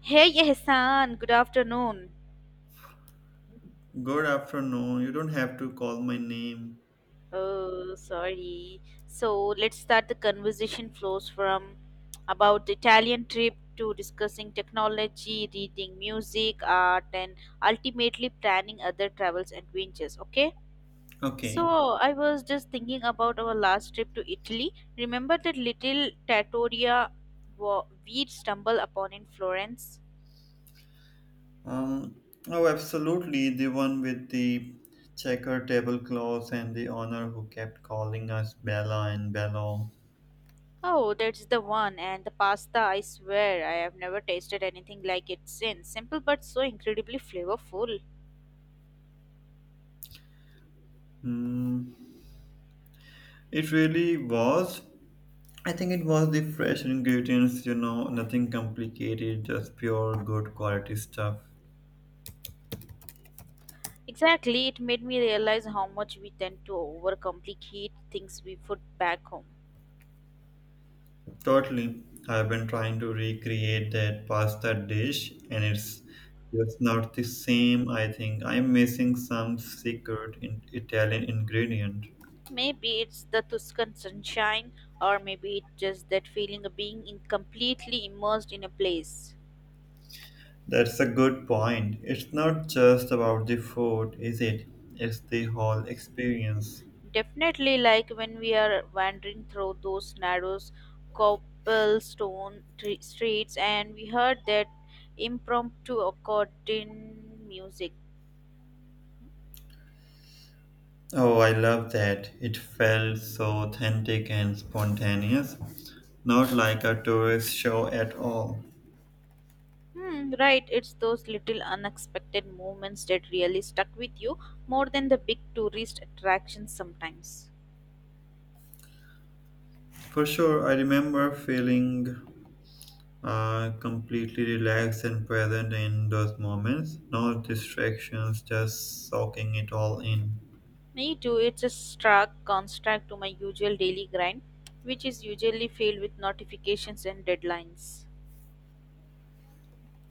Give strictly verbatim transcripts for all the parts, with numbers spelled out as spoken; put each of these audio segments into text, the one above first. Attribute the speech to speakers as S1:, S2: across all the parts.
S1: Hey Ehsan, good afternoon.
S2: Good afternoon. You don't have to call my name.
S1: Oh, sorry. So let's start the conversation flows from about the Italian trip to discussing technology, reading, music, art, and ultimately planning other travels adventures. Okay. So
S2: Okay.
S1: I was just thinking about our last trip to Italy. Remember that little trattoria wa- we stumbled upon in Florence?
S2: Um. Oh, absolutely. The one with the checker tablecloths and the honor who kept calling us Bella and Bello.
S1: Oh, that's the one. And the pasta, I swear, I have never tasted anything like it since. Simple but so incredibly flavorful.
S2: Hmm. It really was. I think it was the fresh ingredients. You know, nothing complicated, just pure good quality stuff.
S1: Exactly, it made me realize how much we tend to overcomplicate things we put back home.
S2: Totally. I've been trying to recreate that pasta dish and it's just not the same, I think. I'm missing some secret in Italian ingredient.
S1: Maybe it's the Tuscan sunshine, or maybe it's just that feeling of being in completely immersed in a place.
S2: That's a good point. It's not just about the food, is it? It's the whole experience.
S1: Definitely, like when we are wandering through those narrow cobblestone tre- streets, and we heard that impromptu accordion music.
S2: Oh, I love that. It felt so authentic and spontaneous, not like a tourist show at all.
S1: Hmm, right, it's those little unexpected moments that really stuck with you more than the big tourist attractions sometimes.
S2: For sure, I remember feeling uh, completely relaxed and present in those moments. No distractions, just soaking it all in.
S1: Me too, it's a stark contrast to my usual daily grind, which is usually filled with notifications and deadlines.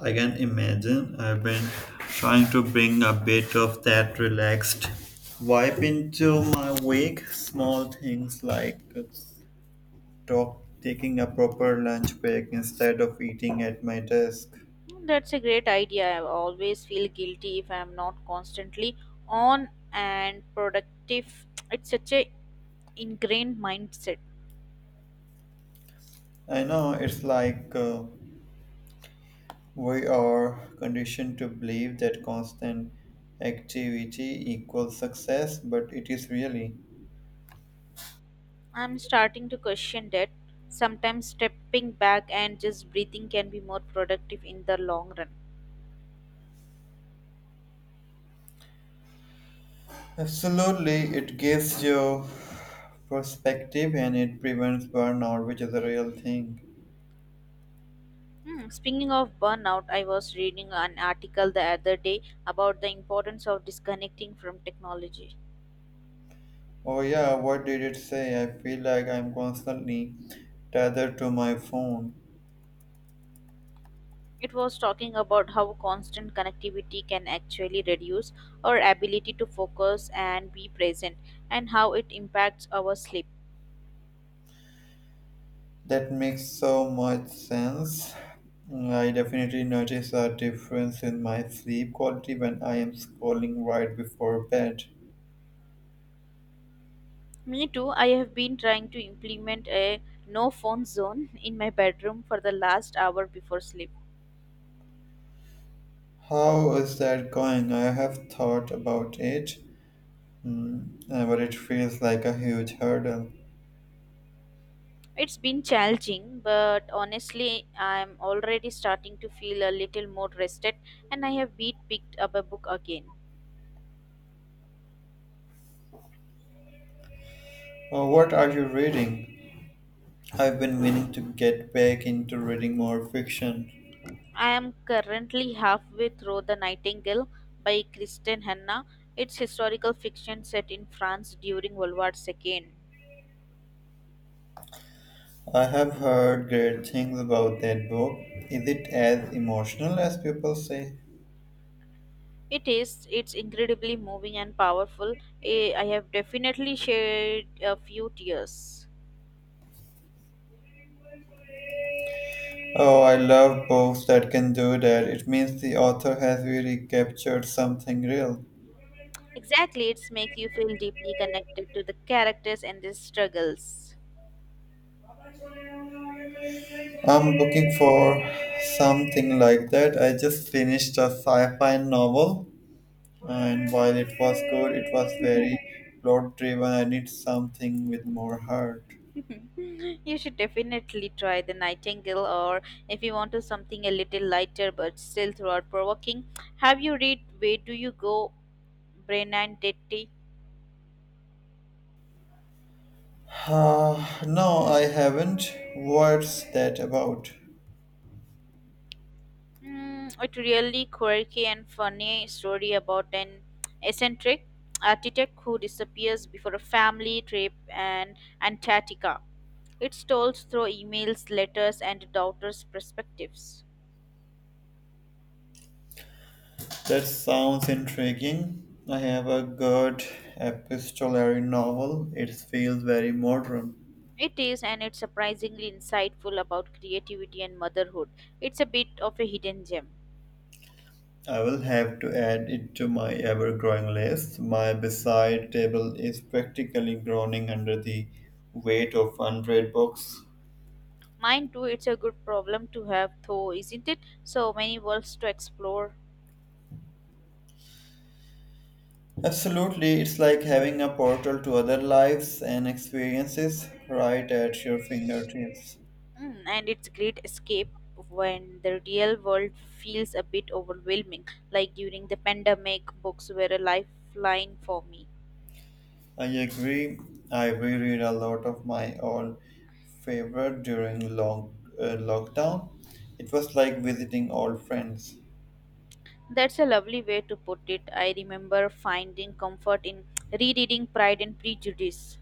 S2: I can imagine I've been trying to bring a bit of that relaxed vibe into my week. Small things like talk, taking a proper lunch break instead of eating at my desk.
S1: That's a great idea. I always feel guilty if I'm not constantly on and productive. It's such a ingrained mindset.
S2: I know it's like uh, we are conditioned to believe that constant activity equals success, but it is really.
S1: I'm starting to question that. Sometimes stepping back and just breathing can be more productive in the long run.
S2: Absolutely, it gives you perspective and it prevents burnout, which is a real thing.
S1: Hmm, Speaking of burnout, I was reading an article the other day about the importance of disconnecting from technology.
S2: Oh, yeah, what did it say? I feel like I'm constantly tethered to my phone.
S1: It was talking about how constant connectivity can actually reduce our ability to focus and be present, and how it impacts our sleep.
S2: That makes so much sense. I definitely notice a difference in my sleep quality when I am scrolling right before bed.
S1: Me too, I have been trying to implement a no phone zone in my bedroom for the last hour before sleep.
S2: How is that going? I have thought about it, mm, uh, but it feels like a huge hurdle.
S1: It's been challenging, but honestly, I'm already starting to feel a little more rested, and I have been picked up a book again.
S2: Uh, what are you reading? I've been meaning to get back into reading more fiction.
S1: I am currently halfway through The Nightingale by Kristen Hanna. It's historical fiction set in France during World War Two.
S2: I have heard great things about that book. Is it as emotional as people say?
S1: It is. It's incredibly moving and powerful. Eh, I have definitely shed a few tears.
S2: Oh, I love books that can do that. It means the author has really captured something real.
S1: Exactly, it's make you feel deeply connected to the characters and their struggles.
S2: I'm looking for something like that. I just finished a sci fi novel, and while it was good, it was very plot driven. I need something with more heart.
S1: You should definitely try the Nightingale, or if you want to something a little lighter but still throughout provoking. Have you read Where Do You Go Brennan Detti?
S2: Ah, no, I haven't. What's that about?
S1: Mm, it really quirky and funny story about an eccentric architect who disappears before a family trip and Antarctica. It's told through emails, letters, and daughters' perspectives.
S2: That sounds intriguing. I have a good epistolary novel. It feels very modern.
S1: It is, and it's surprisingly insightful about creativity and motherhood. It's a bit of a hidden gem.
S2: I will have to add it to my ever growing list. My beside table is practically groaning under the weight of one hundred books.
S1: Mine too, it's a good problem to have, though, isn't it? So many worlds to explore.
S2: Absolutely, it's like having a portal to other lives and experiences right at your fingertips.
S1: Mm, and it's great escape when the real world feels a bit overwhelming, like during the pandemic, books were a lifeline for me.
S2: I agree. I reread a lot of my old favorite during long, uh, lockdown. It was like visiting old friends.
S1: That's a lovely way to put it. I remember finding comfort in rereading Pride and Prejudice.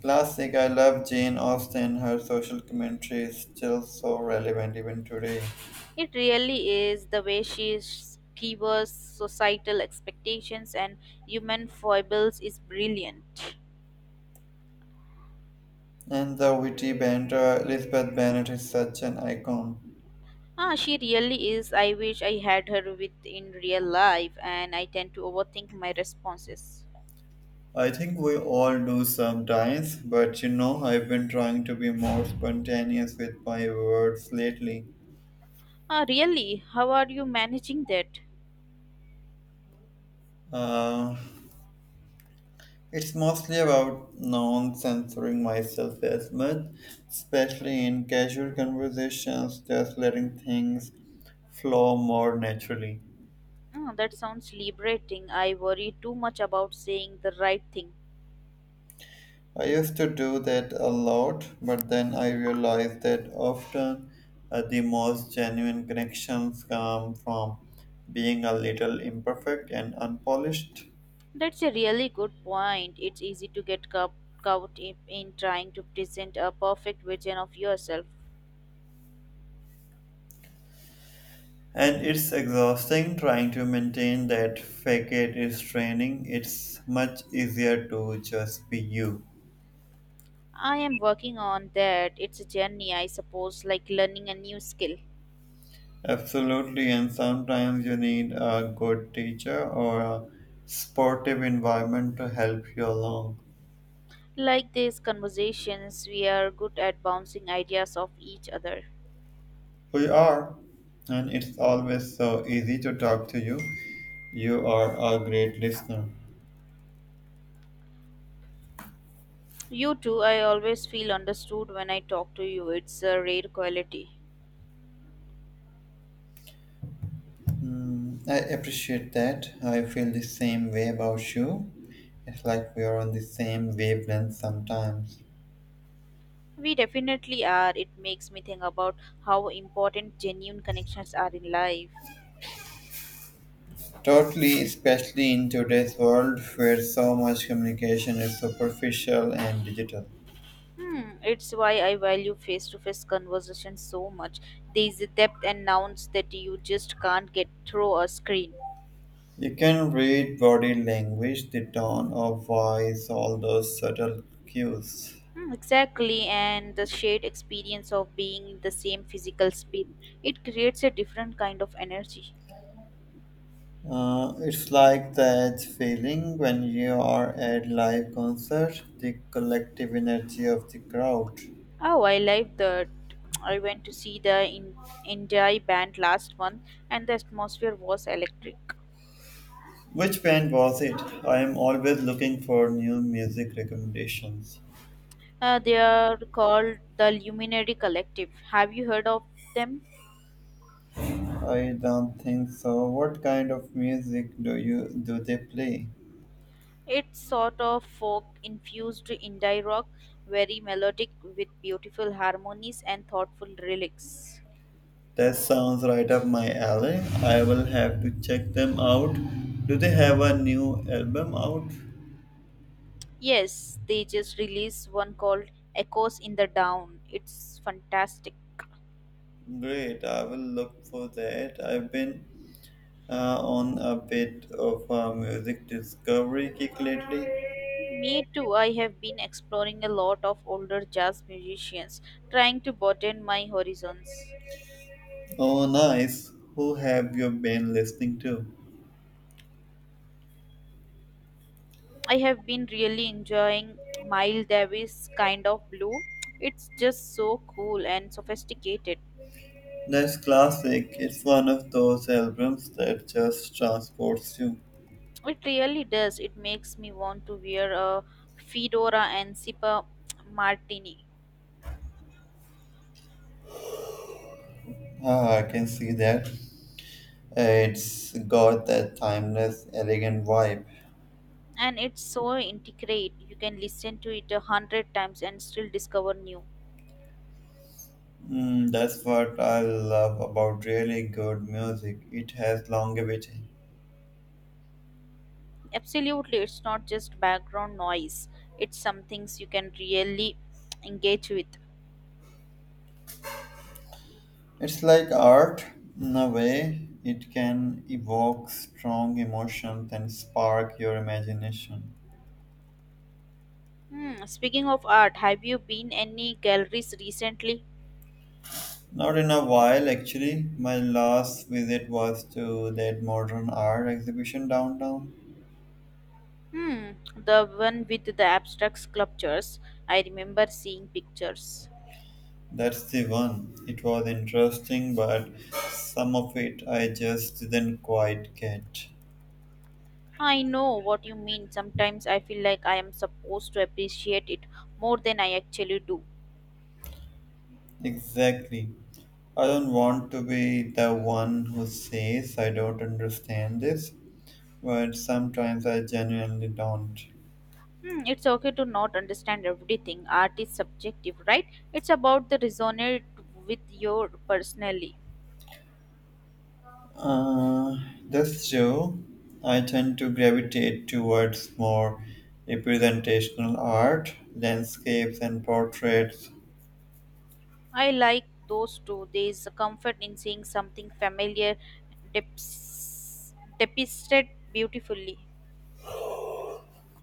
S2: Classic, I love Jane Austen. Her social commentary is still so relevant even today.
S1: It really is the way she skewers societal expectations and human foibles is brilliant.
S2: And the witty banter, Elizabeth Bennet is such an icon.
S1: Ah, she really is. I wish I had her with in real life, and I tend to overthink my responses.
S2: I think we all do sometimes, but you know, I've been trying to be more spontaneous with my words lately.
S1: Ah, really? How are you managing that?
S2: Uh, it's mostly about non censoring myself as much, especially in casual conversations, just letting things flow more naturally.
S1: Ah, that sounds liberating. I worry too much about saying the right thing.
S2: I used to do that a lot, but then I realized that often uh, the most genuine connections come from being a little imperfect and unpolished.
S1: That's a really good point. It's easy to get cau- caught in in trying to present a perfect version of yourself.
S2: And it's exhausting trying to maintain that fake it is training. It's much easier to just be you.
S1: I am working on that. It's a journey, I suppose, like learning a new skill.
S2: Absolutely, and sometimes you need a good teacher or a sportive environment to help you along.
S1: Like these conversations, we are good at bouncing ideas off each other.
S2: We are, and it's always so easy to talk to you. You are a great listener.
S1: You too, I always feel understood when I talk to you. It's a rare quality.
S2: Hmm, I appreciate that. I feel the same way about you. It's like we are on the same wavelength sometimes.
S1: We definitely are. It makes me think about how important genuine connections are in life.
S2: Totally, especially in today's world where so much communication is superficial and digital.
S1: Hmm, it's why I value face to face conversations so much. There is a depth and nouns that you just can't get through a screen.
S2: You can read body language, the tone of voice, all those subtle cues.
S1: Hmm, exactly, and the shared experience of being in the same physical space. It creates a different kind of energy.
S2: Uh, it's like that feeling when you are at live concert, the collective energy of the crowd.
S1: Oh, I like that. I went to see the in- Indie band last month, and the atmosphere was electric.
S2: Which band was it? I am always looking for new music recommendations.
S1: Uh, they are called the Luminary Collective. Have you heard of them?
S2: I don't think so. What kind of music do you do they play?
S1: It's sort of folk infused indie rock, very melodic with beautiful harmonies and thoughtful lyrics.
S2: That sounds right up my alley. I will have to check them out. Do they have a new album out?
S1: Yes, they just released one called Echoes in the Down. It's fantastic.
S2: Great, I will look for that. I've been uh, on a bit of a music discovery kick lately?
S1: Me too, I have been exploring a lot of older jazz musicians, trying to broaden my horizons.
S2: Oh, nice. Who have you been listening to?
S1: I have been really enjoying Miles Davis kind of blue. It's just so cool and sophisticated.
S2: That's classic. It's one of those albums that just transports you.
S1: It really does. It makes me want to wear a fedora and sip a martini.
S2: Ah, I can see that. It's got that timeless, elegant vibe.
S1: And it's so integrate. You can listen to it a hundred times and still discover new.
S2: Mm, that's what I love about really good music. It has longevity.
S1: Absolutely, it's not just background noise. It's some things you can really engage with.
S2: It's like art in a way, it can evoke strong emotions and spark your imagination.
S1: Hmm, speaking of art, have you been any galleries recently?
S2: Not in a while, actually. My last visit was to that modern art exhibition downtown.
S1: Hmm, the one with the abstract sculptures. I remember seeing pictures.
S2: That's the one. It was interesting, but some of it I just didn't quite get.
S1: I know what you mean. Sometimes I feel like I am supposed to appreciate it more than I actually do.
S2: Exactly. I don't want to be the one who says I don't understand this, but sometimes I genuinely don't.
S1: Hmm, it's okay to not understand everything. Art is subjective, right? It's about the resonate with your personally.
S2: Uh, that's true. I tend to gravitate towards more representational art, landscapes, and portraits,
S1: I like those too. There is a comfort in seeing something familiar deps- depicted beautifully.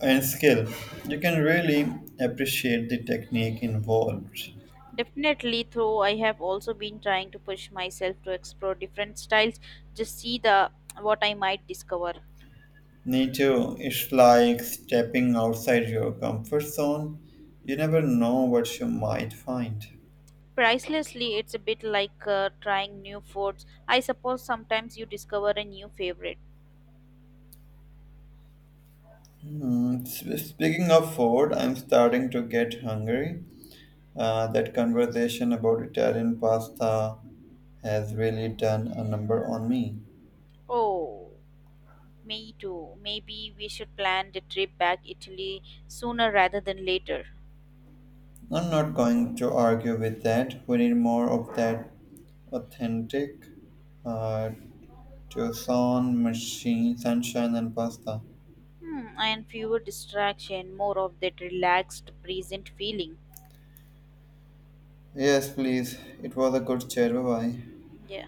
S2: and skill. You can really appreciate the technique involved.
S1: Definitely, though, I have also been trying to push myself to explore different styles, just see the what I might discover.
S2: Me too. It's like stepping outside your comfort zone. You never know what you might find.
S1: Pricelessly, it's a bit like uh, trying new foods. I suppose sometimes you discover a new favorite.
S2: Hmm, sp- Speaking of food, I'm starting to get hungry. Uh, that conversation about Italian pasta has really done a number on me.
S1: Oh, me too. Maybe we should plan the trip back Italy sooner rather than later.
S2: I'm not going to argue with that. We need more of that authentic uh, Tucson machine, sunshine, and pasta.
S1: Hmm, and fewer distraction, more of that relaxed, present feeling.
S2: Yes, please. It was a good chat. Bye bye.
S1: Yeah.